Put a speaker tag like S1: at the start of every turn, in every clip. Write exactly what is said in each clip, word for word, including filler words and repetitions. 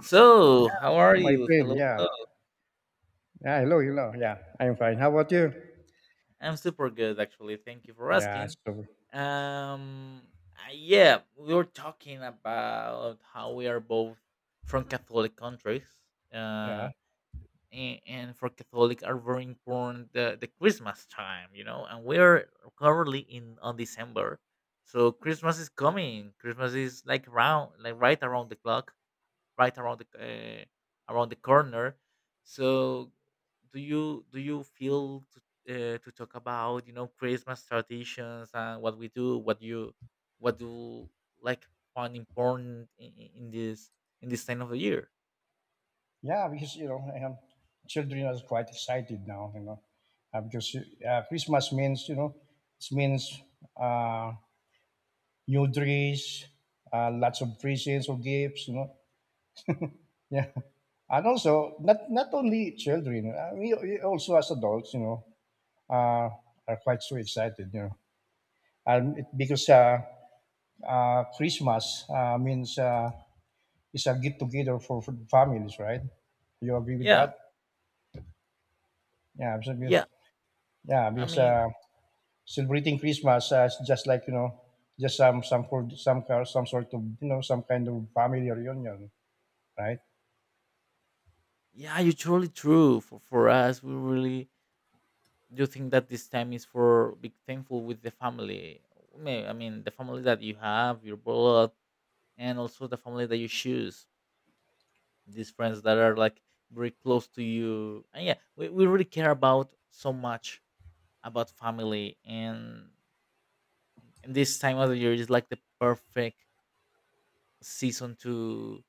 S1: So,
S2: Yeah.
S1: how are
S2: My
S1: you?
S2: friend,
S1: Hello,
S2: yeah.
S1: hello.
S2: Yeah, hello, hello. Yeah, I'm fine. How about you?
S1: I'm super good, actually. Thank you for
S2: Yeah,
S1: asking.
S2: so
S1: Um, uh, yeah, we were talking about how we are both from Catholic countries,
S2: yeah,
S1: uh, and, and for Catholic are very important the, the Christmas time, you know, and we're currently in on December, so Christmas is coming. Christmas is like around, like right around the clock. Right around the uh, around the corner. So, do you do you feel to, uh, to talk about, you know, Christmas traditions and what we do, what you, what do, like, find important in, in this in this time of the year?
S2: yeah, because you know, I children are quite excited now, you know, uh, because uh, Christmas means, you know, it means uh, new dress, uh, lots of presents or gifts, you know. Yeah, and also not not only children, uh, we, we also as adults, you know, uh, are quite so excited, you know, and it, because uh, uh, Christmas uh, means. Uh, It's a get together for, for families, right? You agree with
S1: Yeah,
S2: that? Yeah, so because
S1: yeah.
S2: yeah,
S1: I
S2: because
S1: mean,
S2: uh, celebrating Christmas uh, is just like, you know, just some some for- some kind- some sort of, you know, some kind of family reunion, right?
S1: yeah, you're truly true. For for us, we really do think that this time is for being thankful with the family. May- I mean, the family that you have, your blood, and also the family that you choose, these friends that are like very close to you. And yeah, we, we really care about so much about family, and, and this time of the year is like the perfect season to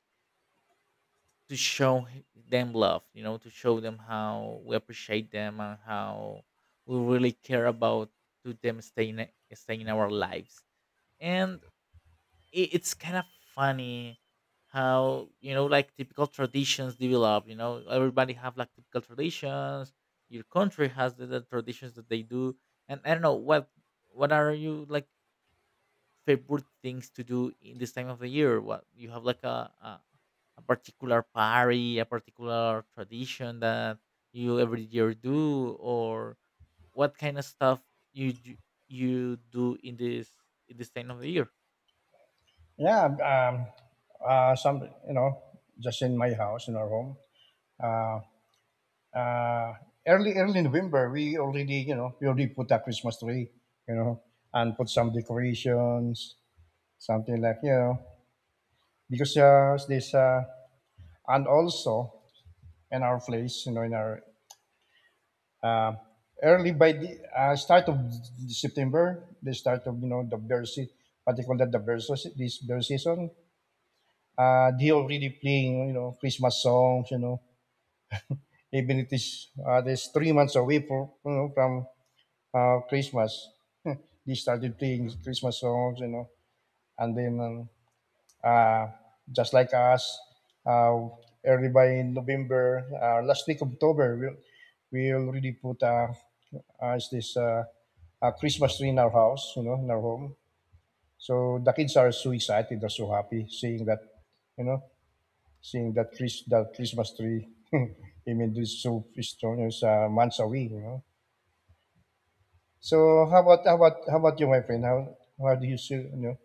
S1: to show h- them love, you know, to show them how we appreciate them and how we really care about to them staying staying in our lives. And it, it's kind of funny how, you know, like typical traditions develop, you know, everybody have like typical traditions, your country has the, the traditions that they do, and I don't know what what are you like favorite things to do in this time of the year, what you have like a a, a particular party, a particular tradition that you every year do, or what kind of stuff you d- you do in this, in this time of the year.
S2: Yeah, um, uh, some, you know, just in my house, in our home. Uh, uh, early early November, we already, you know, we already put a Christmas tree, you know, and put some decorations, something like, you know, because uh, this uh, and also in our place, you know, in our uh, early by the uh, start of September, the start of, you know, the bear se- what they call that, the bear se- this bear season. Uh, they already playing, you know, Christmas songs, you know, even it is uh, there's three months away for, you know, from uh, Christmas. They started playing Christmas songs, you know, and then um, uh, just like us. Uh, Early by November, uh, last week of October, we we already put uh, uh, is this uh, a Christmas tree in our house, you know, in our home. So the kids are so excited, they're so happy seeing that, you know, seeing that Chris, that Christmas tree. I mean, this so strong is uh, months away, you know. So how about how about how about you, my friend? How how do you still, you know,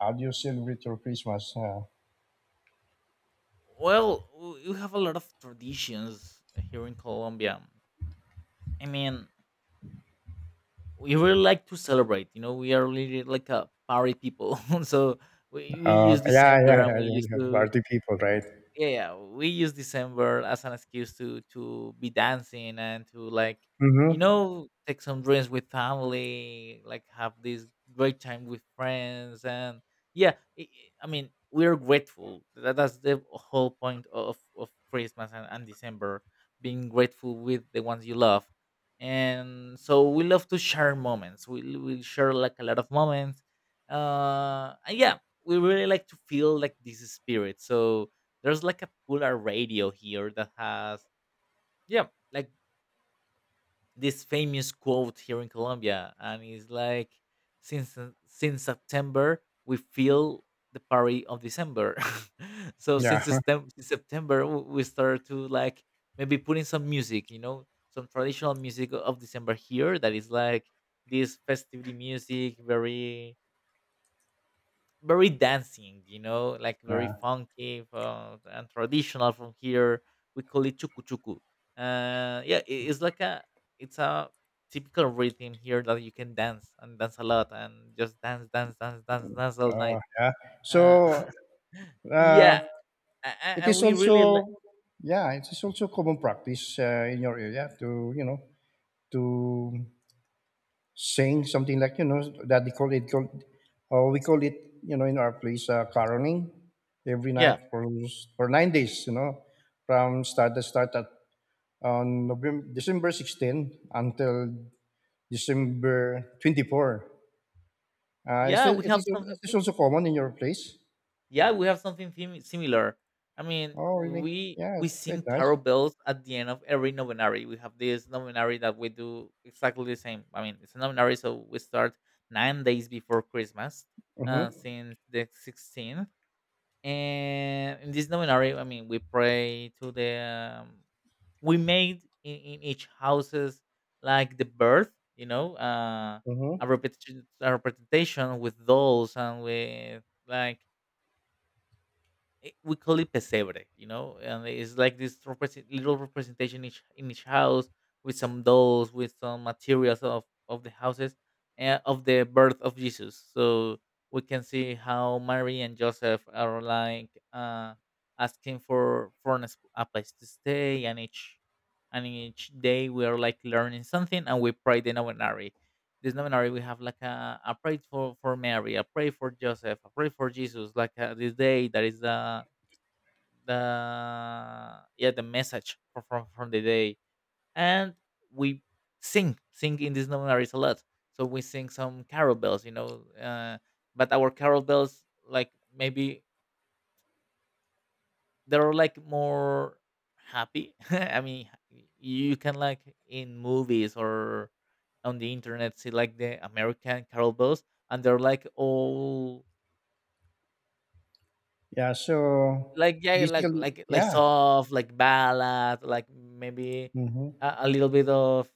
S2: how do you celebrate your Christmas? Uh,
S1: Well, w- we have a lot of traditions here in Colombia. I mean, we really like to celebrate. You know, we are really like a party people. So we, we
S2: Oh,
S1: use
S2: yeah,
S1: December
S2: yeah,
S1: and
S2: yeah,
S1: we
S2: yeah,
S1: used
S2: yeah.
S1: to,
S2: Party people, right?
S1: yeah, yeah, we use December as an excuse to to be dancing and to like, you
S2: Mm-hmm.
S1: know, take some drinks with family, like have this great time with friends, and yeah, i I I mean, we're grateful. That, that's the whole point of of Christmas and, and December, being grateful with the ones you love, and so we love to share moments. We we share like a lot of moments, uh, and yeah, we really like to feel like this spirit. So there's like a popular radio here that has, yeah, like this famous quote here in Colombia, and it's like since since September we feel the party of December. So since
S2: Yeah,
S1: Septem- since September w- we start to like maybe putting some music, you know, some traditional music of December here that is like this festivity music, very very dancing, you know, like very
S2: yeah,
S1: funky, uh, and traditional from here. We call it chuku chuku. Uh, yeah, I- it's like a it's a typical rhythm here that you can dance and dance a lot and just dance, dance, dance, dance, dance all
S2: oh,
S1: night.
S2: yeah.
S1: Uh,
S2: So uh,
S1: yeah, a- a-
S2: it
S1: and
S2: is
S1: we really li-
S2: also, yeah, it is also common practice uh, in your area to, you know, to sing something like, you know, that they call it, called, uh, we call it, you know, in our place, uh, caroling every night
S1: yeah,
S2: for for nine days, you know, from start the start at on November, December sixteenth until December twenty-fourth. Uh, is
S1: yeah,
S2: it,
S1: we
S2: it
S1: have
S2: is is
S1: something
S2: this
S1: similar.
S2: also common in your place?
S1: Yeah, we have something thim- similar. I mean,
S2: Oh, really?
S1: we
S2: Yeah,
S1: we
S2: it's
S1: sing
S2: quite nice.
S1: carol bells at the end of every novenary. We have this novenary that we do exactly the same. I mean, it's a novenary, so we start nine days before Christmas, uh,
S2: Mm-hmm.
S1: since the sixteenth. And in this novenary, I mean, we pray to the. Um, we made in, in each houses like the birth, you know, uh, a
S2: Mm-hmm.
S1: repetition, a representation with dolls and with like it, we call it pesebre, you know, and it's like this represent, little representation each in each house with some dolls, with some materials of of the houses and of the birth of Jesus. So we can see how Mary and Joseph are like uh, asking for for an es- a place to stay, and each and each day we are like learning something, and we pray the novenary. This novenary we have like a, a pray for, for Mary, a pray for Joseph, a pray for Jesus, like uh this day that is the the yeah the message from from, from the day, and we sing sing in these novenaries a lot, so we sing some carol bells, you know, uh, but our carol bells, like, maybe they're like more happy. I mean, you can like in movies or on the internet see like the American carol bells, and they're like all,
S2: Yeah, so
S1: like, yeah, like
S2: basically,
S1: like like
S2: yeah.
S1: soft, like ballad, like maybe
S2: Mm-hmm.
S1: a, a little bit of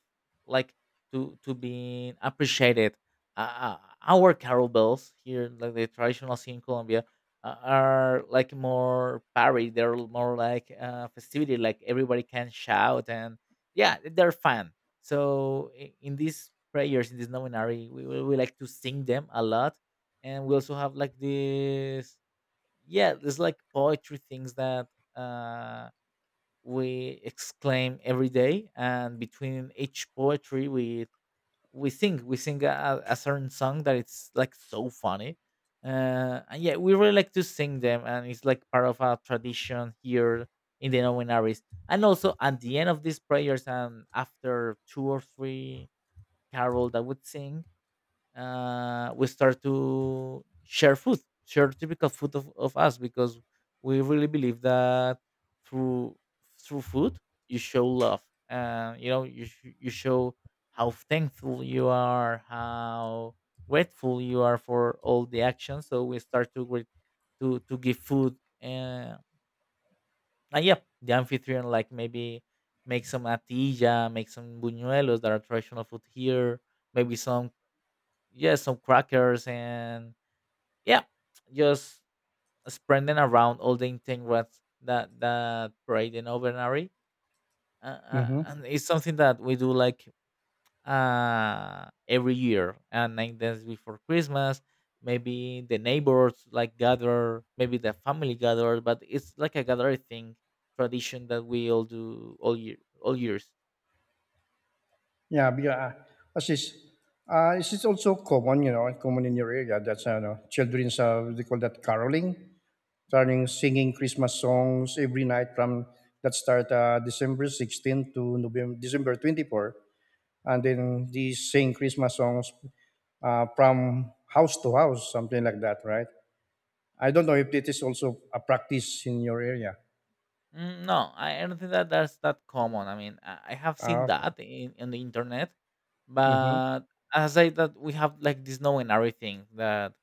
S1: like to to be appreciated. Uh, uh, our carol bells here, like the traditional scene in Colombia, uh, are like more parade. They're more like, uh, festivity. Like everybody can shout and yeah, they're fun. So i- in these prayers, in this nominary, we, we, we like to sing them a lot, and we also have like this, yeah, there's like poetry things that uh we exclaim every day, and between each poetry we we sing we sing a, a certain song that it's like so funny, uh and yeah we really like to sing them, and it's like part of our tradition here in the novenaries. And also at the end of these prayers and after two or three carol that would sing, uh, we start to share food, share typical food of, of us, because we really believe that through through food you show love. Uh, you know, you sh- you show how thankful you are, how grateful you are for all the actions. So we start to grat- to to give food. Uh, and yeah, the amphitryon like maybe make some atilla, make some buñuelos that are traditional food here, maybe some, yeah, some crackers, and yeah, just spreading around all the ingredients that that parade in Ovenary. Uh, uh,
S2: Mm-hmm.
S1: and it's something that we do like uh every year and nine days before Christmas. Maybe the neighbors like gather, maybe the family gather, but it's like a gathering thing tradition that we all do all year all years.
S2: Yeah, because uh, as is, uh, is it also common, you know, common in your area that's, uh, you know, children's, uh, they call that caroling, turning, singing Christmas songs every night from that start uh, December sixteenth to November, December twenty-fourth. And then they sing Christmas songs uh, from house to house, something like that, right? I don't know if it is also a practice in your area.
S1: Mm, no, I I don't think that that's that common. I mean, I I have seen
S2: Ah, okay.
S1: that in, in the internet,
S2: Mm-hmm.
S1: but as I that we have like this know and everything that,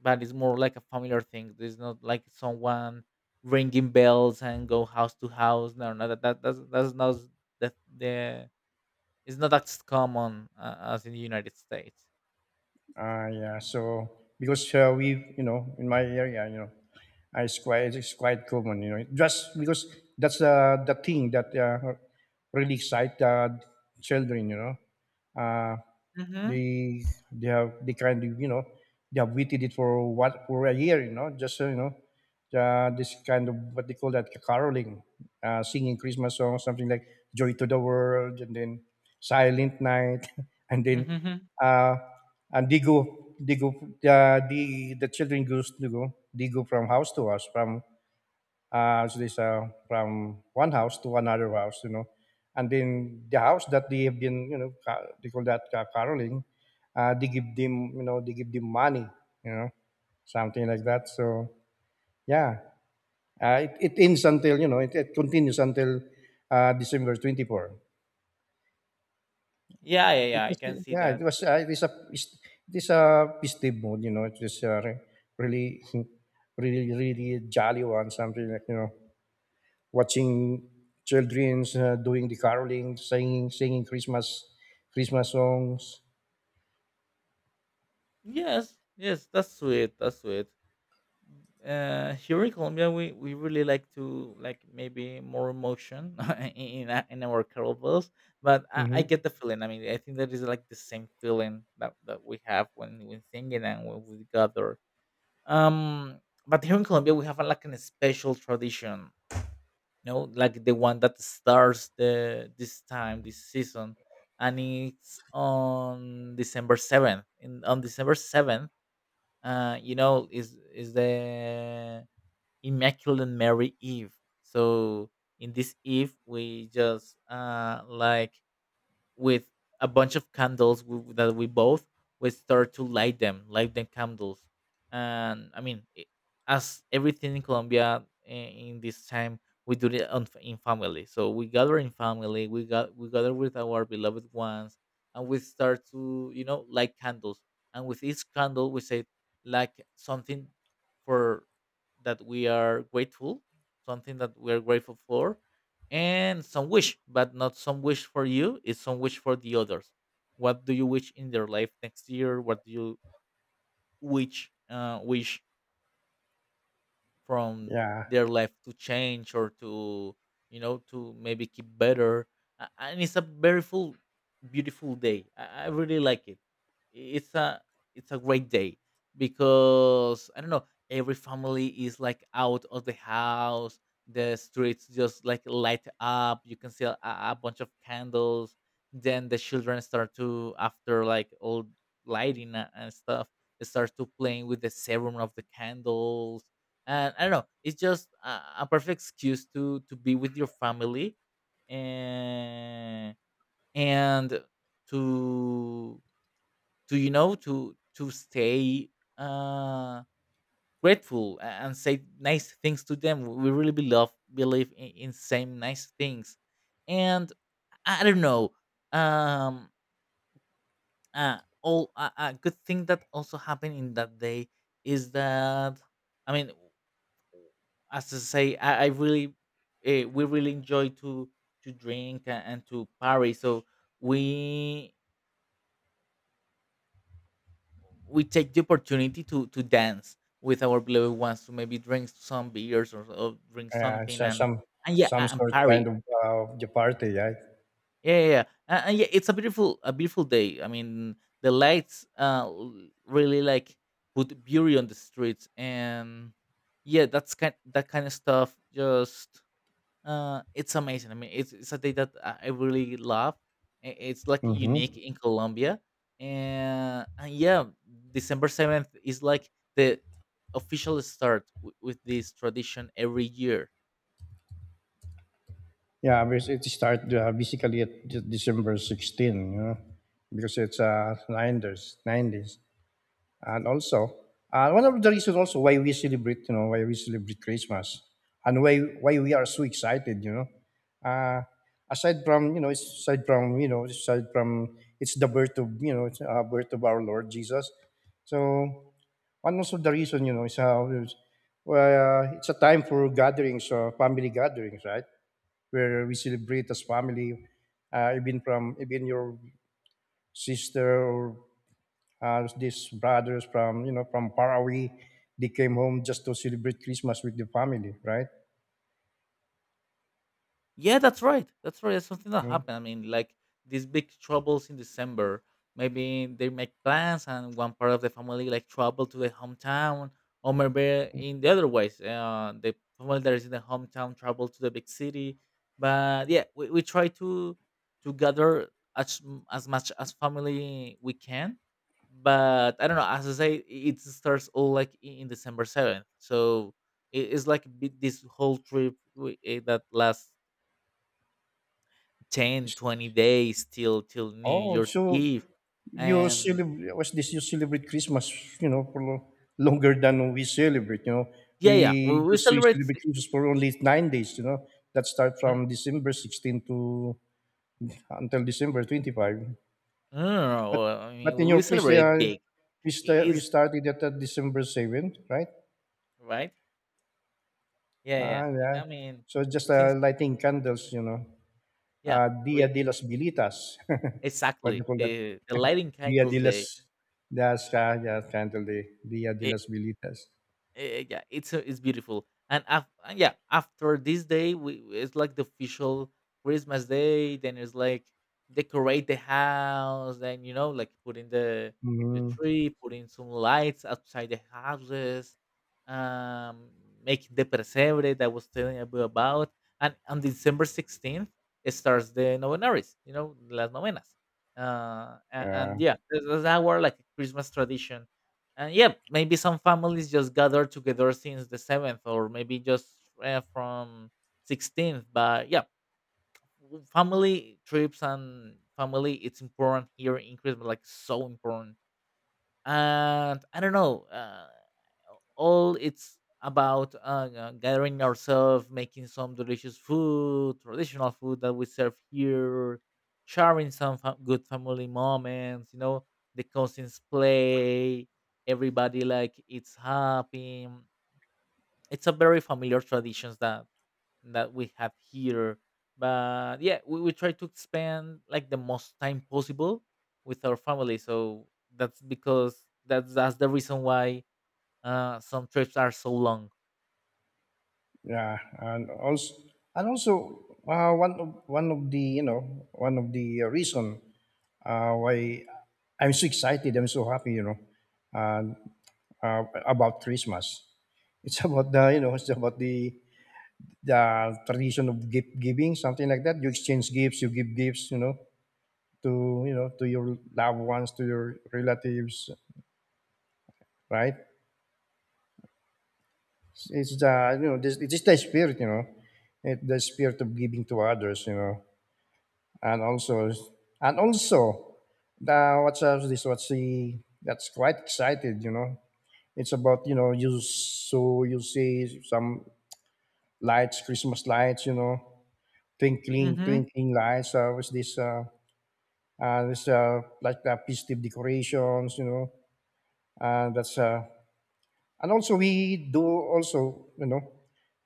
S1: but it's more like a familiar thing. There's not like someone ringing bells and go house to house. No, no, that, that that's that's not s- that the it's not as common uh, as in the United States.
S2: Ah, yeah. So because uh, we, you know, in my area, you know, ah, it's quite it's quite common, you know, just because that's the the thing that uh, really excite uh, children, you know. Uh,
S1: Mm-hmm.
S2: they they have, they kind of, you know, they have waited it for what for a year, you know, just so, you know, uh, this kind of what they call that caroling, uh, singing Christmas songs, something like joy to the world and then silent night and then
S1: Mm-hmm.
S2: uh, and they go they go uh, the the children goes to go they go from house to house from uh, so this uh, from one house to another house, you know. And then the house that they have been, you know, ca- they call that uh, caroling. Uh, they give them, you know, they give them money, you know, something like that. So yeah, uh, it, it ends until, you know, it, it continues until uh, December twenty four.
S1: Yeah, yeah,
S2: It
S1: yeah. I
S2: is,
S1: can see
S2: yeah, it
S1: that.
S2: was uh, it is a fes- it is a festive mood, you know. It is uh, re- really really really jolly one, something like, you know, watching children uh, doing the caroling, singing, singing Christmas, Christmas songs.
S1: Yes, yes, that's sweet. That's sweet. Uh, here in Colombia we we really like to like maybe more emotion in a- in our kettlebells, but I, I get
S2: Hmm.
S1: the feeling. I mean, I think that is like the same feeling that, that we have when we're singing and when we gather. Um, but here in Colombia we have a, like a special tradition, you know, like the one that starts the this time this season, and it's on December seventh in on December seventh. Uh, you know, is is the Immaculate Mary Eve. So in this Eve, we just uh, like with a bunch of candles w- that we both we start to light them, light them candles, and I mean, i- as everything in Colombia i- in this time, we do it on, f- in family. So we gather in family. We got we gather with our beloved ones, and we start to, you know, light candles. And with each candle, we say like something for that we are grateful, something that we are grateful for, and some wish, but not some wish for you, it's some wish for the others. What do you wish in their life next year? What do you wish uh, wish from
S2: Yeah,
S1: their life to change or to, you know, to maybe keep better. A- and it's a very full beautiful day. I I really like it. it's a it's a great day, because I don't know, every family is like out of the house, the streets just like light up, you can see a, a bunch of candles, then the children start to after like all lighting a- and stuff, they start to playing with the serum of the candles, and I don't know. It's just a, a perfect excuse to to be with your family, and and to to you know, to to stay uh grateful, a- and say nice things to them. We really believe believe in, in same nice things, and I I don't know. Um, uh, all a, a good thing that also happened in that day is that, I mean, as I say, I, I really, uh, we really enjoy to to drink and, and to party. So we we take the opportunity to to dance with our beloved ones to maybe drink some beers or, or drink
S2: yeah, it's,
S1: something
S2: uh,
S1: and
S2: some
S1: and yeah
S2: some
S1: a- and
S2: sort kind
S1: party.
S2: of uh, the party, right?
S1: Yeah, yeah, yeah. And, and yeah, it's a beautiful a beautiful day. I mean, the lights uh l- really like put beauty on the streets. And yeah, that's kind that kind of stuff just Uh, it's amazing. I mean, it's, it's a day that I I really love. I- It's like unique
S2: Mm-hmm.
S1: in Colombia, and, and yeah, December seventh is like the official start w- with this tradition every year.
S2: Yeah, bas- it start uh, basically at De- December sixteenth, you know, because it's uh, nineties, nineties. And also uh, one of the, reasons also why we celebrate, you know, why we celebrate Christmas, and why why we are so excited, you know, uh, aside from, you know, it's aside from, you know, aside from it's the birth of, you know, it's, uh, birth of our Lord Jesus. So one also the reason, you know, is how is- well, uh, it's a time for gatherings, uh, family gatherings, right, where we celebrate as family, uh, even from even your sister or uh, these brothers from, you know, from far away, they came home just to celebrate Christmas with the family, right?
S1: Yeah, that's right. That's right. That's something that
S2: Mm.
S1: happened. I mean, like these big troubles in December. Maybe they make plans, and one part of the family like travel to the hometown, or maybe in the other ways, uh, the family that is in the hometown travel to the big city. But yeah, we, we try to to gather as m- as much as family we can. But I don't know. As I say, it starts all like i- in December seventh. So it- it's like a bit- this whole trip we, eh, that lasts ten,
S2: It's-
S1: twenty days till till new
S2: oh,
S1: year's
S2: so
S1: eve
S2: you
S1: and
S2: celebrate, was this, you celebrate Christmas, you know, for lo- longer than we celebrate, you know,
S1: yeah
S2: we
S1: yeah we, we
S2: because we
S1: celebrate
S2: celebrate
S1: si-
S2: Christmas for only nine days, you know, that start
S1: mm,
S2: from December sixteenth to uh, until December twenty-fifth,
S1: no, no, no,
S2: but
S1: well, I
S2: but
S1: mean we,
S2: in your
S1: we
S2: place they
S1: celebrate it
S2: are,
S1: big.
S2: we,
S1: It
S2: sta we
S1: is
S2: started at uh, December seventh, right?
S1: right. Yeah,
S2: Ah,
S1: yeah,
S2: yeah.
S1: i I mean
S2: So just uh,
S1: since,
S2: lighting candles, you know.
S1: yeah,
S2: Uh, Dia
S1: we
S2: de las Bilitas. What do
S1: exactly,
S2: you call that?
S1: uh, the lighting
S2: Dia de
S1: candles
S2: las,
S1: day.
S2: that's, uh, yeah, candle day. Dia de las Bilitas.
S1: Eh, eh, yeah, it's uh, it's beautiful. And af- and yeah, after this day, we we- it's like the official Christmas day. Then it's like decorate the house, then you know, like put in the the
S2: Hmm.
S1: tree, put in some lights outside the houses, um, make the pesebre that I was telling you about. And on December sixteenth, it starts the novenaries. You know, las novenas. Uh, and,
S2: Uh,
S1: and yeah, that's that's our like Christmas tradition. And yeah, maybe some families just gather together since the seventh, or maybe just uh, from sixteenth. But yeah, w- family trips and family, it's important here in Christmas, like so important. And I don't know. Uh, all it's about uh, uh, gathering ourselves, making some delicious food, traditional food that we serve here, sharing some fa- good family moments. You know, the cousins play, everybody like it's happy. It's a very familiar traditions that that we have here. But yeah, we, we try to spend like the most time possible with our family. So that's because that's that's the reason why uh, some trips are so long.
S2: yeah, and also, and also uh, one of one of the, you know, one of the uh, reason uh, why I'm so excited, I'm so happy, you know, uh, uh, about Christmas. It's about the, you know, it's about the the tradition of gift giving, something like that. You exchange gifts, you give gifts, you know, to, you know, to your loved ones, to your relatives, right? It's the, you know, this it's just the spirit, you know, it, the spirit of giving to others, you know, and also, and also the what's up, this what's the, that's quite excited, you know. It's about, you know, you so you see some lights, Christmas lights, you know, twinkling
S1: Hmm.
S2: twinkling lights. Uh, what's this? Uh, Uh, there's uh, like uh, festive decorations, you know. Uh, that's uh, and also we do also, you know,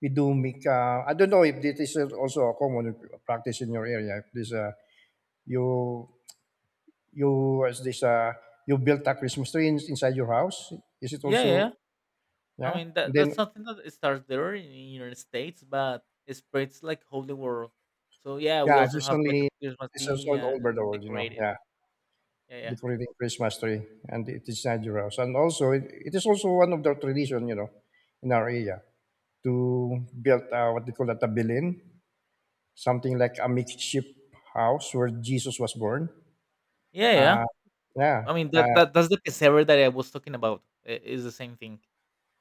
S2: we do make. Uh, I don't know if this is also a common practice in your area. If this uh, you you as this uh, you built a Christmas tree in- inside your house, is it
S1: Yeah, yeah.
S2: also,
S1: I
S2: yeah?
S1: mean that
S2: And
S1: that's
S2: then,
S1: something that it starts there in the United States, but it spreads like whole the world. So yeah, we
S2: yeah,
S1: also
S2: just
S1: have like a
S2: only
S1: Christmas
S2: it's also
S1: tree
S2: all
S1: and
S2: over the world, you know.
S1: decorated.
S2: Yeah,
S1: Yeah, yeah,
S2: decorating Christmas tree, and it is inside your house, and also it, it is also one of the tradition, you know, in our area, to build uh, what they call that, a Belin, something like a makeshift house where Jesus was born.
S1: yeah, yeah.
S2: Uh, yeah,
S1: I mean
S2: uh,
S1: that, that that's the pesebre that I was talking about. i- Is the same thing.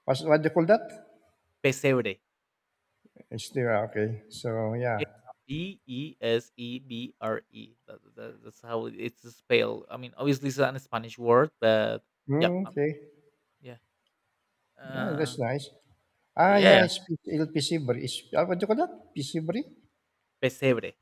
S2: what's, what they call that?
S1: Pesebre.
S2: It's there, okay. So yeah,
S1: B E S E B R E. That, that, that's how it- it's spelled. I mean, obviously it's an Spanish word, but yeah,
S2: mm,
S1: I mean,
S2: okay,
S1: yeah,
S2: yeah, that's
S1: uh,
S2: nice. Ah,
S1: yeah,
S2: yeah,
S1: yeah.
S2: it's P- L P C, it's uh, what do you call that? P C Bri?
S1: Pesebre.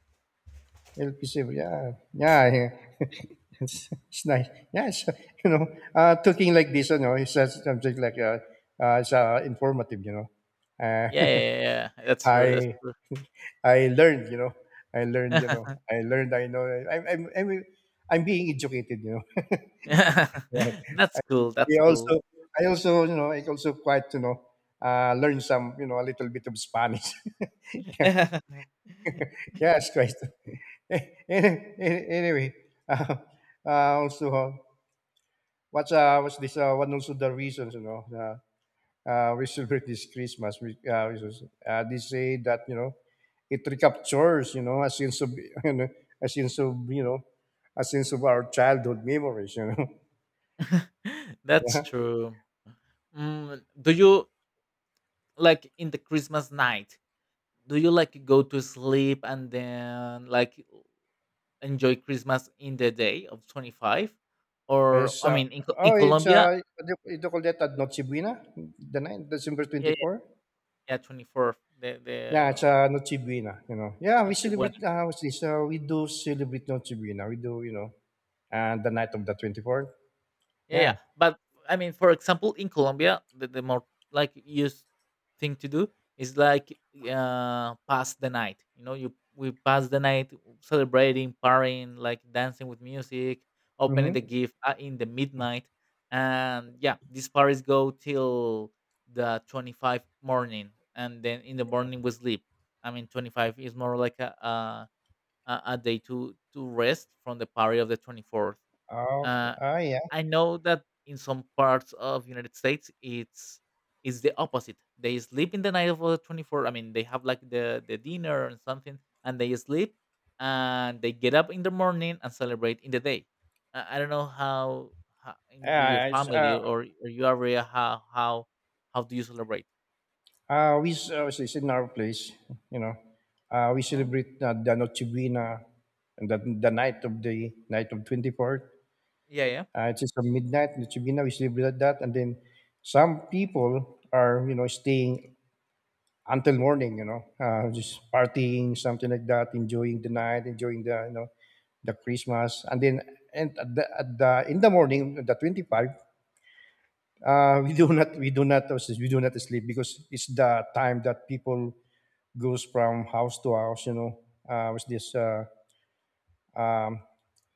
S2: L P C, Bri, yeah, yeah, yeah. it's, it's nice. Yeah, it's, you know, uh, talking like this, you know, it's just something like uh, uh, it's uh, informative, you know. Uh,
S1: Yeah, yeah, yeah, yeah. That's true. That's
S2: Hi,
S1: true.
S2: I learned, you know, I learned, you know, I learned. I know. I'm, I'm, I'm, I'm being educated, you know. Right.
S1: That's cool. That's
S2: I
S1: cool.
S2: also, I also, you know, I also quite, you know, uh, learn some, you know, a little bit of Spanish. Yeah. Yes, Christ. Any- any- anyway, uh, uh, also, uh, what's uh, what's this? Uh, one also the reasons, you know. uh, uh, we celebrate this Christmas. We, uh, we just- uh, they say that, you know, it recaptures, you know, a sense of you know, a sense of, you know, a sense of our childhood memories, you know.
S1: That's
S2: Yeah.
S1: true. Mm, do you like in the Christmas night? Do you like go to sleep and then like enjoy Christmas in the day of twenty-five, or
S2: It's
S1: I
S2: uh,
S1: mean, in Co- in
S2: oh, it's
S1: Colombia,
S2: uh, what do you, what do you call that at Noche Buena, the night December
S1: yeah,
S2: twenty
S1: yeah,
S2: four.
S1: yeah, twenty-fourth, the
S2: Yeah, it's
S1: the
S2: uh, Noche Buena. You know, yeah, we
S1: Nochebuena.
S2: celebrate. Uh, what's this? Uh, we do celebrate Noche Buena. We do, you know, and the night of the twenty fourth.
S1: Yeah,
S2: Yeah.
S1: yeah. But I mean, for example, in Colombia, the, the more like used thing to do is like uh pass the night. You know, you we pass the night celebrating, partying, like dancing with music, opening the
S2: Mm-hmm.
S1: gift uh, in the midnight, and yeah, these parties go till the twenty five morning, and then in the morning we sleep. I mean, twenty five is more like a, a a a day to to rest from the party of the twenty fourth.
S2: Oh, oh, yeah.
S1: I know that in some parts of United States it's it's the opposite. They sleep in the night of the twenty-four. I mean, they have like the the dinner and something, and they sleep, and they get up in the morning and celebrate in the day. I, I don't know how, how in your, your
S2: Yeah, it's,
S1: family
S2: uh,
S1: or, or your area how how how do you celebrate?
S2: Uh, we s- uh, it's in our place, you know. Uh,
S1: Uh
S2: we
S1: huh.
S2: celebrate uh, the Noche Buena, and the, the night of the night of twenty-fourth.
S1: Yeah, yeah.
S2: Uh, it's just a midnight Noche Buena. We celebrate that, and then some people are, you know, staying until morning, you know, uh, just partying, something like that, enjoying the night, enjoying the you know the Christmas. And then and at the, at the in the morning, the twenty five, uh, we do not we do not we do not sleep because it's the time that people goes from house to house, you know, uh, with this uh, um,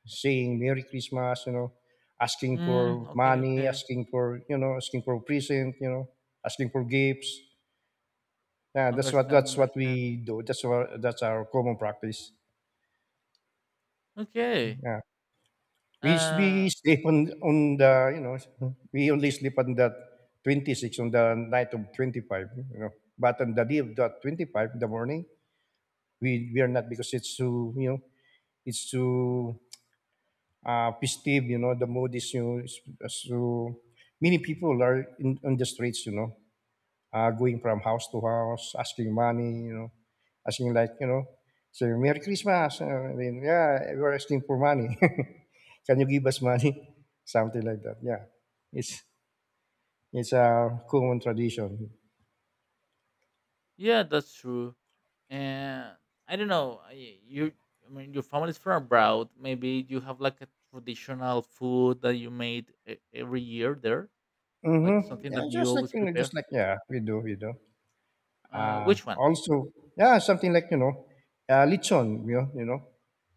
S2: saying Merry Christmas, you know, asking
S1: Mm,
S2: for
S1: okay,
S2: money,
S1: okay.
S2: asking for, you know, asking for present, you know, asking for gifts. Yeah, that's what
S1: Understand,
S2: that's what
S1: understand.
S2: we do. That's our that's our common practice.
S1: Okay.
S2: Yeah, we s- we
S1: Uh,
S2: sleep on on the you know we only sleep on that twenty six on the night of twenty five. You know, but on the day of that twenty five in the morning, we we are not because it's too you know it's too uh, festive. You know, the mood is, you know, is- so many people are in on the streets. You know, uh, going from house to house, asking money. You know, asking like, you know, so Merry Christmas. Uh, then yeah, we're asking for money. Can you give us money? Something like that. Yeah, it's it's a common tradition.
S1: yeah, that's true. And I don't know. I- You, I mean, your family's from abroad. Maybe you have like a traditional food that you made e- every year there, like
S2: Mm-hmm.
S1: something
S2: Yeah,
S1: that you
S2: just like,
S1: always
S2: you know, just
S1: prepare.
S2: like, yeah, we do, we do.
S1: Uh,
S2: Uh,
S1: which one?
S2: also, yeah, something like, you know, uh, lechon. You know, you know,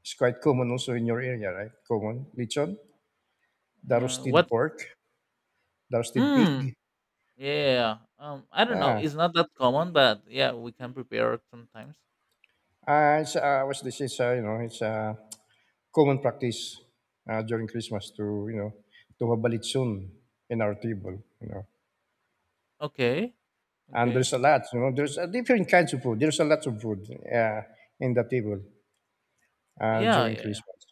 S2: it's quite common also in your area, right? Common lechon, the
S1: Uh,
S2: roasted
S1: what?
S2: pork, the roasted
S1: Mm,
S2: pig.
S1: yeah. Um, I don't know.
S2: Yeah,
S1: It's not that common, but yeah, we can prepare it sometimes.
S2: uh, it's uh, what's this? It's uh, you know, it's a common practice uh, during Christmas to, you know, to have a lechon in our table. You know,
S1: Okay.
S2: and
S1: Okay.
S2: there's a lot. You know, there's uh, different kinds of food. There's a lot of food uh, in the table uh,
S1: Yeah.
S2: during
S1: Yeah.
S2: Christmas.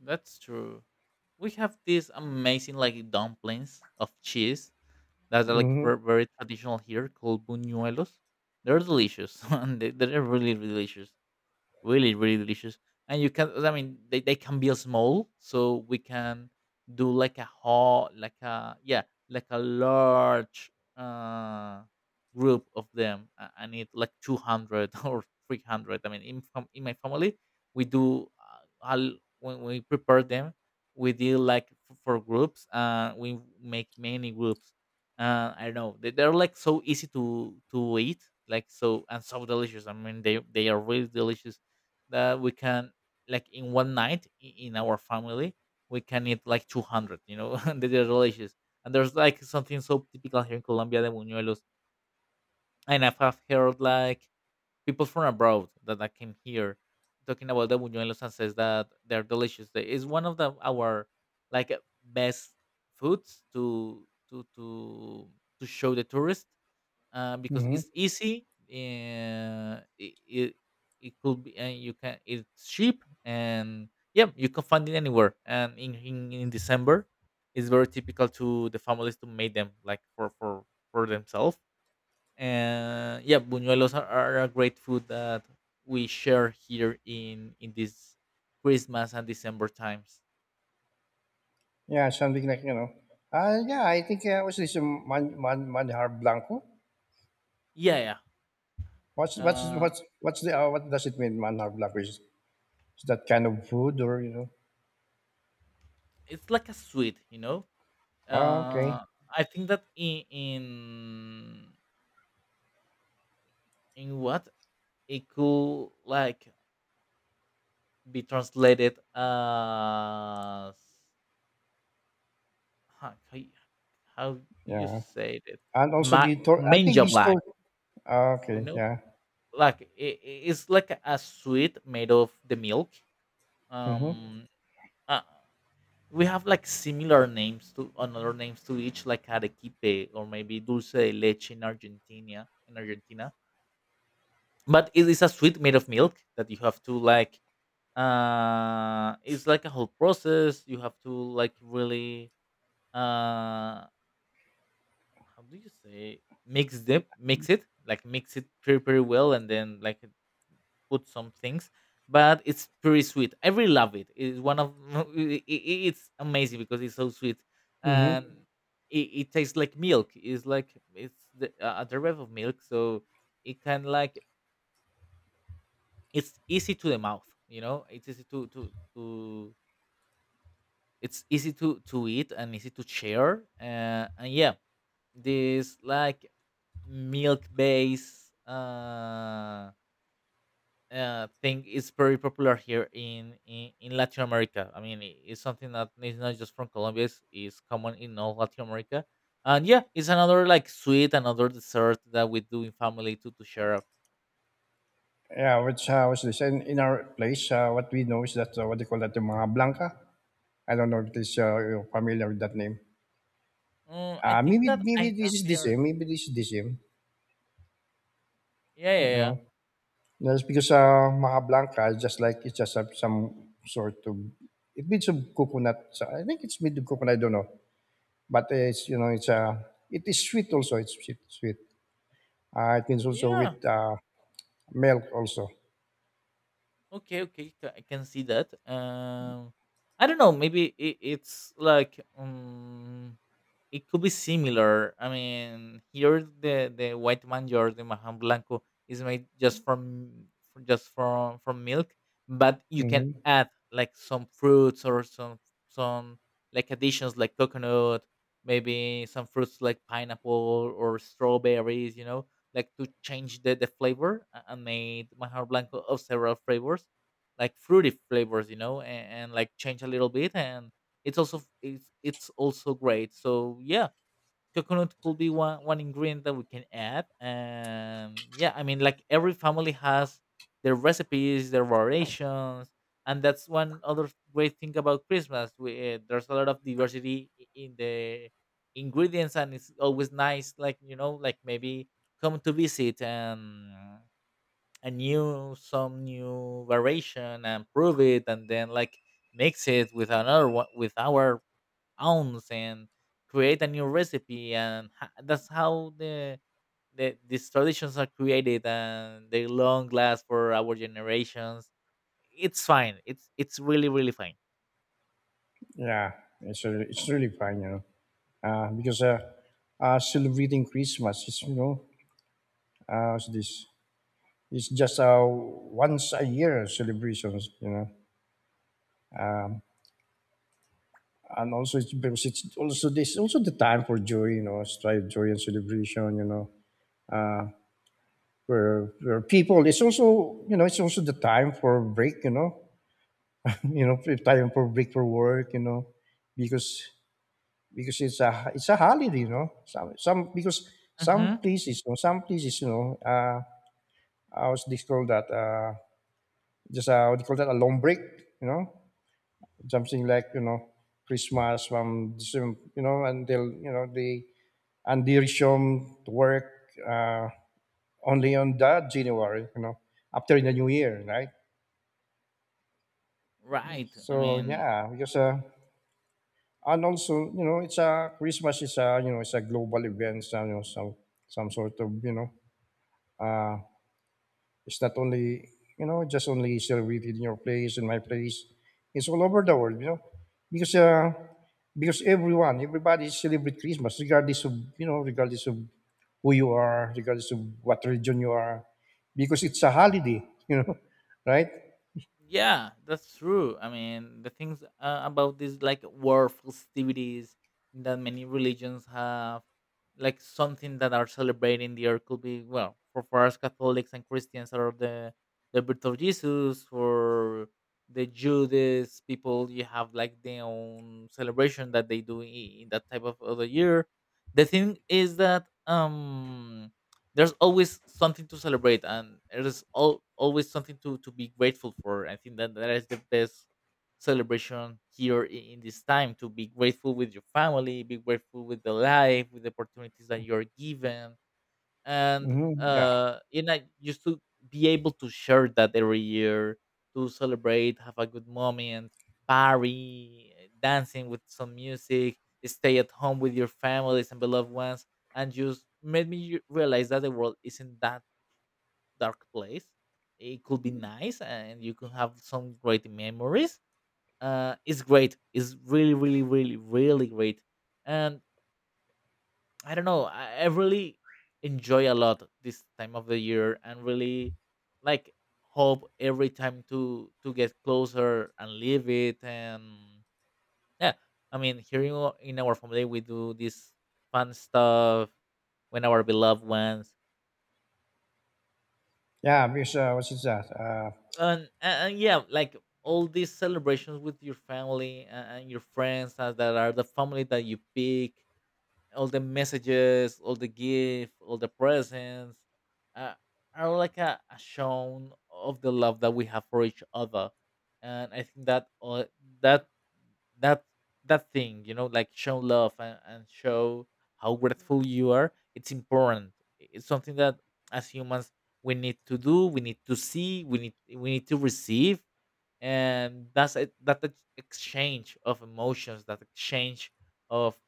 S1: That's true. We have these amazing like dumplings of cheese that are like
S2: Mm-hmm.
S1: ver- very traditional here called buñuelos. They're delicious. And they, they're really, really delicious, really really delicious. And you can, I mean they, they can be small, so we can do like a whole like a yeah like a large uh group of them. i I need like two hundred or three hundred. I mean in, fam- in my family we do uh, I when we prepare them we deal like f- for groups. Uh, we make many groups. Uh, I don't know, they, they're like so easy to to eat, like so and so delicious. I mean they they are really delicious, that we can like in one night, i- in our family we can eat like two hundred, you know. And they're delicious. And there's like something so typical here in Colombia, the buñuelos. And I've have heard like people from abroad that, that came here talking about the buñuelos and says that they're delicious. They- it's one of the our like best foods to to to to show the tourist. Uh, because
S2: Mm-hmm.
S1: it's easy. Uh, it, it it could be, and you can. It's cheap, and yeah, you can find it anywhere. And in in, in December, it's very typical to the families to make them like for for for themselves. And yeah, buñuelos are, are a great food that we share here in in this Christmas and December times.
S2: Yeah, something like, you know. Uh, yeah, I think uh, what's this um, man, man, manjar blanco?
S1: Yeah,
S2: What's
S1: yeah.
S2: what's
S1: Uh,
S2: what's what's the uh, what does it mean manjar blanco? Is, is that kind of food, or you know?
S1: it's like a sweet, you know.
S2: Ah, okay,
S1: Uh, I think that in in in what it could like be translated as how, how you- how do you
S2: yeah.
S1: say it.
S2: And also
S1: Ma-
S2: the tor- I think
S1: mango
S2: the
S1: black,
S2: store. Ah,
S1: you
S2: okay,
S1: know,
S2: yeah.
S1: like it, it's like a sweet made of the milk.
S2: Mhm.
S1: Um, uh, we have like similar names to another names to each like arequipe, or maybe dulce de leche in argentina in argentina. But it is a sweet made of milk that you have to like uh it's like a whole process. You have to like really uh, how do you say, mix them, mix it, like mix it pretty pretty well and then like put some things. But it's pretty sweet, I really love it. It's one of it, it's amazing because it's so sweet. And
S2: Mhm.
S1: it, it tastes like milk. It's like it's the uh, a derivative of milk, so it can like it's easy to the mouth, you know. It's easy to to to it's easy to to eat and easy to share. Uh, and yeah, this like milk based uh, uh, thing is very popular here in, in in latin america. I mean i- it's something that is not just from colombia. It's, it's common in all latin america. And yeah, it's another like sweet, another dessert that we do in family to to share.
S2: Yeah, which uh, was this in, in our place? Uh, what we know is that uh, what they call that the manjar blanca. I don't know if this uh, you're familiar with that name.
S1: Mm, I
S2: Uh,
S1: think
S2: maybe
S1: that
S2: maybe
S1: I
S2: this
S1: have
S2: is the
S1: heard
S2: same. Maybe this is the same.
S1: yeah
S2: You
S1: yeah yeah
S2: know. Yes, because uh, Maha is just like it's just some some sort of it made some coconut. So I think it's made of coconut. I don't know, but uh, it's you know it's uh, it is sweet also. It's sweet, sweet. Uh, it means also
S1: yeah.
S2: with uh, milk also.
S1: Okay, okay, ca- I can see that. Um, I don't know. Maybe it, it's like um, it could be similar. I mean, here the the white manjar, the Mahan Blanco, is made just from, from just from from milk, but you can
S2: Hmm.
S1: add like some fruits or some some like additions like coconut, maybe some fruits like pineapple or strawberries. You know, like to change the, the flavor a- and made manjar blanco of several flavors like fruity flavors, you know. And, and like change a little bit. And it's also it's, it's also great. So yeah, coconut could be one one ingredient that we can add. And yeah, I mean like every family has their recipes, their variations. And that's one other great thing about christmas. We, uh, there's a lot of diversity i- in the ingredients. And it's always nice, like you know, like maybe come to visit and a new some new variation and prove it, and then like mix it with another one with our ounce and create a new recipe. And ha- that's how the, the these traditions are created, and they long last for our generations. It's fine, it's it's really really fine.
S2: Yeah, it's really, it's really fine, you know, uh, because uh, uh, celebrating Christmas is, you know, uh, what's this it's just, uh, once a year celebrations, you know. Um. And also it's because it's also this also the time for joy, you know, strive joy and celebration, you know, where where people it's also, you know, it's also the time for break, you know, you know, free time for break for work, you know, because because it's a it's a holiday, you know, some some because some
S1: Hmm.
S2: places, you know, some places, you know, uh, I was they that uh, just uh, what do you call that a long break, you know, something like, you know, Christmas from December, you know, until you know the and they resume to work uh, only on that January, you know, after the new year, right?
S1: Right, I
S2: So
S1: mean,
S2: yeah, because uh, and also, you know, it's a Christmas is a, you know, it's a global event, so, you know, some some sort of, you know, uh, it's not only, you know, just only celebrated in your place, in my place. It's all over the world, you know, because uh, because everyone, everybody celebrate Christmas, regardless of, you know, regardless of who you are, regardless of what religion you are, because it's a holiday, you know, right?
S1: yeah, that's true. I mean, the things uh, about these like war festivities that many religions have, like something that are celebrating the year, could be well. for for us Catholics and Christians are the the birth of Jesus. For the Judas people, you have like their own celebration that they do i- in that type of other year. The thing is that um there's always something to celebrate, and there's al- always something to, to be grateful for. I think that that is the best celebration here, i- in this time. To be grateful with your family, be grateful with the life, with the opportunities that you're given, and
S2: Hmm. Yeah,
S1: uh you know just to be able to share that every year, to celebrate, have a good moment, party, dancing with some music, stay at home with your families and beloved ones. And just made me realize that the world isn't that dark place. It could be nice, and you can have some great memories. Uh it's great, it's really really really really great. And I don't know. I, I really enjoy a lot this time of the year, and really, like, hope every time to to get closer and live it. And yeah. I mean, here in our, in our family we do this fun stuff when our beloved ones,
S2: yeah. Because uh, what is that? Uh,
S1: and, and and yeah, like, all these celebrations with your family and, and your friends, uh, that are the family that you pick. All the messages, all the gift, all the presents, uh, are like a, a shown of the love that we have for each other. And I think that uh, that that that thing, you know, like show love and, and show how grateful you are. It's important. It's something that, as humans, we need to do. We need to see. We need we need to receive, and that's it. That ex- exchange of emotions, that exchange of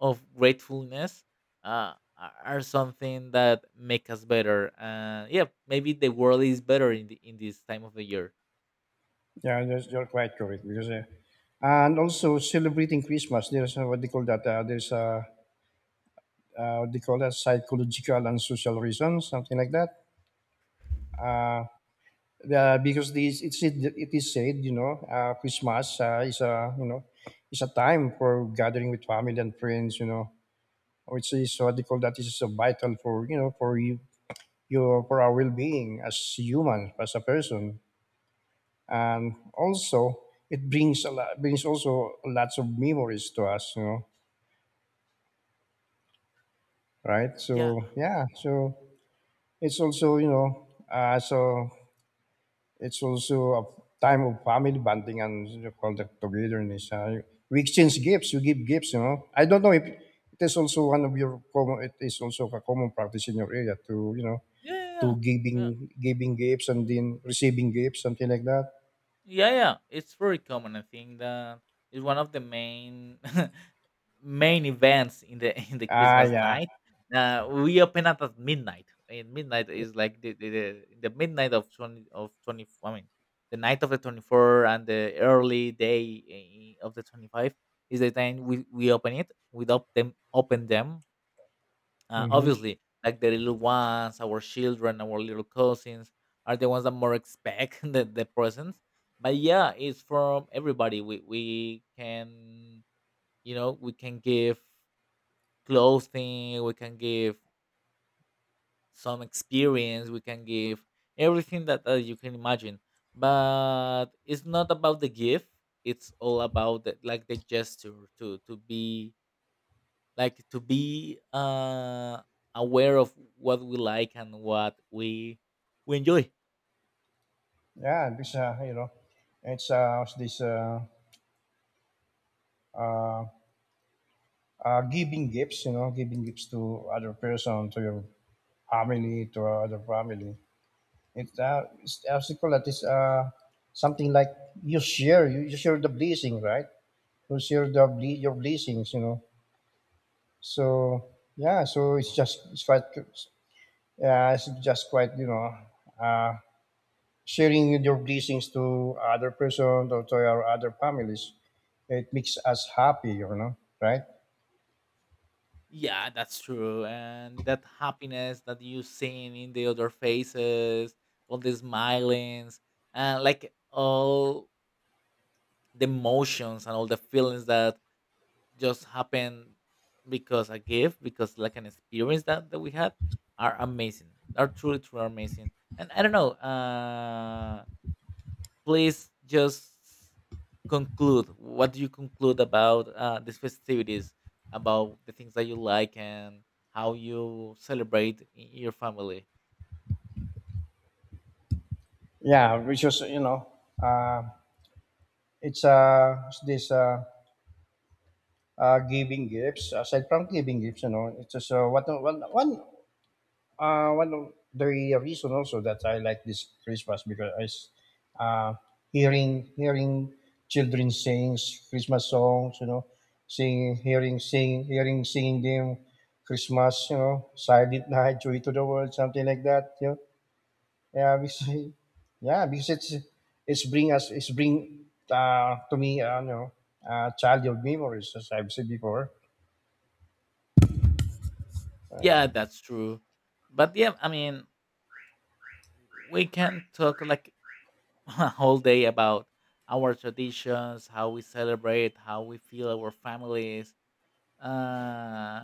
S1: of gratefulness, uh, are are something that make us better. Uh, yeah, maybe the world is better in the, in this time of the year.
S2: Yeah, you're, you're quite correct. Because uh, and also celebrating Christmas, there's uh, what they call that. Uh, there's uh, uh, what they call that psychological and social reasons, something like that. uh, the- because this it's it, it is said, you know, uh, Christmas uh, is a, you know, is a time for gathering with family and friends, you know, which is so what they call that is so vital for, you know, for you your for our well-being as humans as a person. And also it brings a lot, brings also lots of memories to us, you know, right?
S1: Yeah,
S2: So yeah, so it's also, you know, uh, so it's also a time of family bonding and, you know, all that togetherness. Uh, we exchange gifts. You give gifts. You know. I don't know if it is also one of your common. It is also a common practice in your area to, you know,
S1: yeah, yeah.
S2: to
S1: Yeah.
S2: giving giving gifts and then receiving gifts, something like that.
S1: Yeah, yeah, it's very common. I think that it's one of the main main events in the in the
S2: Ah,
S1: Christmas
S2: yeah.
S1: night. Uh, we open up at midnight, and midnight is like the the, the, the midnight of twenty of twenty. I mean, the night of the twenty four and the early day eh, of the twenty five is the time we, we open it. We don't them open them, uh,
S2: Mm-hmm.
S1: obviously, like the little ones, our children, our little cousins are the ones that more expect the, the presents. But yeah, it's from everybody. We we can you know we can give clothing, we can give some experience, we can give everything that, that you can imagine. But it's not about the gift; it's all about the, like the gesture to to be like to be uh aware of what we like and what we we enjoy.
S2: Yeah, this uh, you know, it's uh, what's this uh, uh, uh, giving gifts, you know, giving gifts to other person, to your family, to other family. It's uh, it's obstacle it, is uh something like you share you, you share the blessing, right? You share the ble- your blessings, you know. So yeah, so it's just it's quite yeah, it's just quite, you know, uh sharing your blessings to other person or to our other families. It makes us happy, you know, right?
S1: Yeah, that's true. And that happiness that you seen in the other faces, all the smilings, and like all the emotions and all the feelings that just happen because a gift, because like an experience that, that we had, are amazing, are truly truly amazing. And I don't know. Uh please just conclude. What do you conclude about, uh, these festivities, about the things that you like and how you celebrate in your family?
S2: Yeah, which is, you know, uh it's uh it's this uh uh, giving gifts aside from giving gifts, you know, it's just uh, what one one Uh, one of the reason also that I like this Christmas because I, s- uh, hearing hearing children sing Christmas songs, you know, singing, hearing, sing, hearing, singing them Christmas, you know, Silent Night, Joy to the World, something like that. You know? Yeah, because yeah, because it's it's bring us it's bring uh, to me, uh, you know, uh, childhood memories as I've said before. Uh,
S1: Yeah, that's true. But yeah, I mean, we can talk like a whole day about our traditions, how we celebrate, how we feel our families. Uh,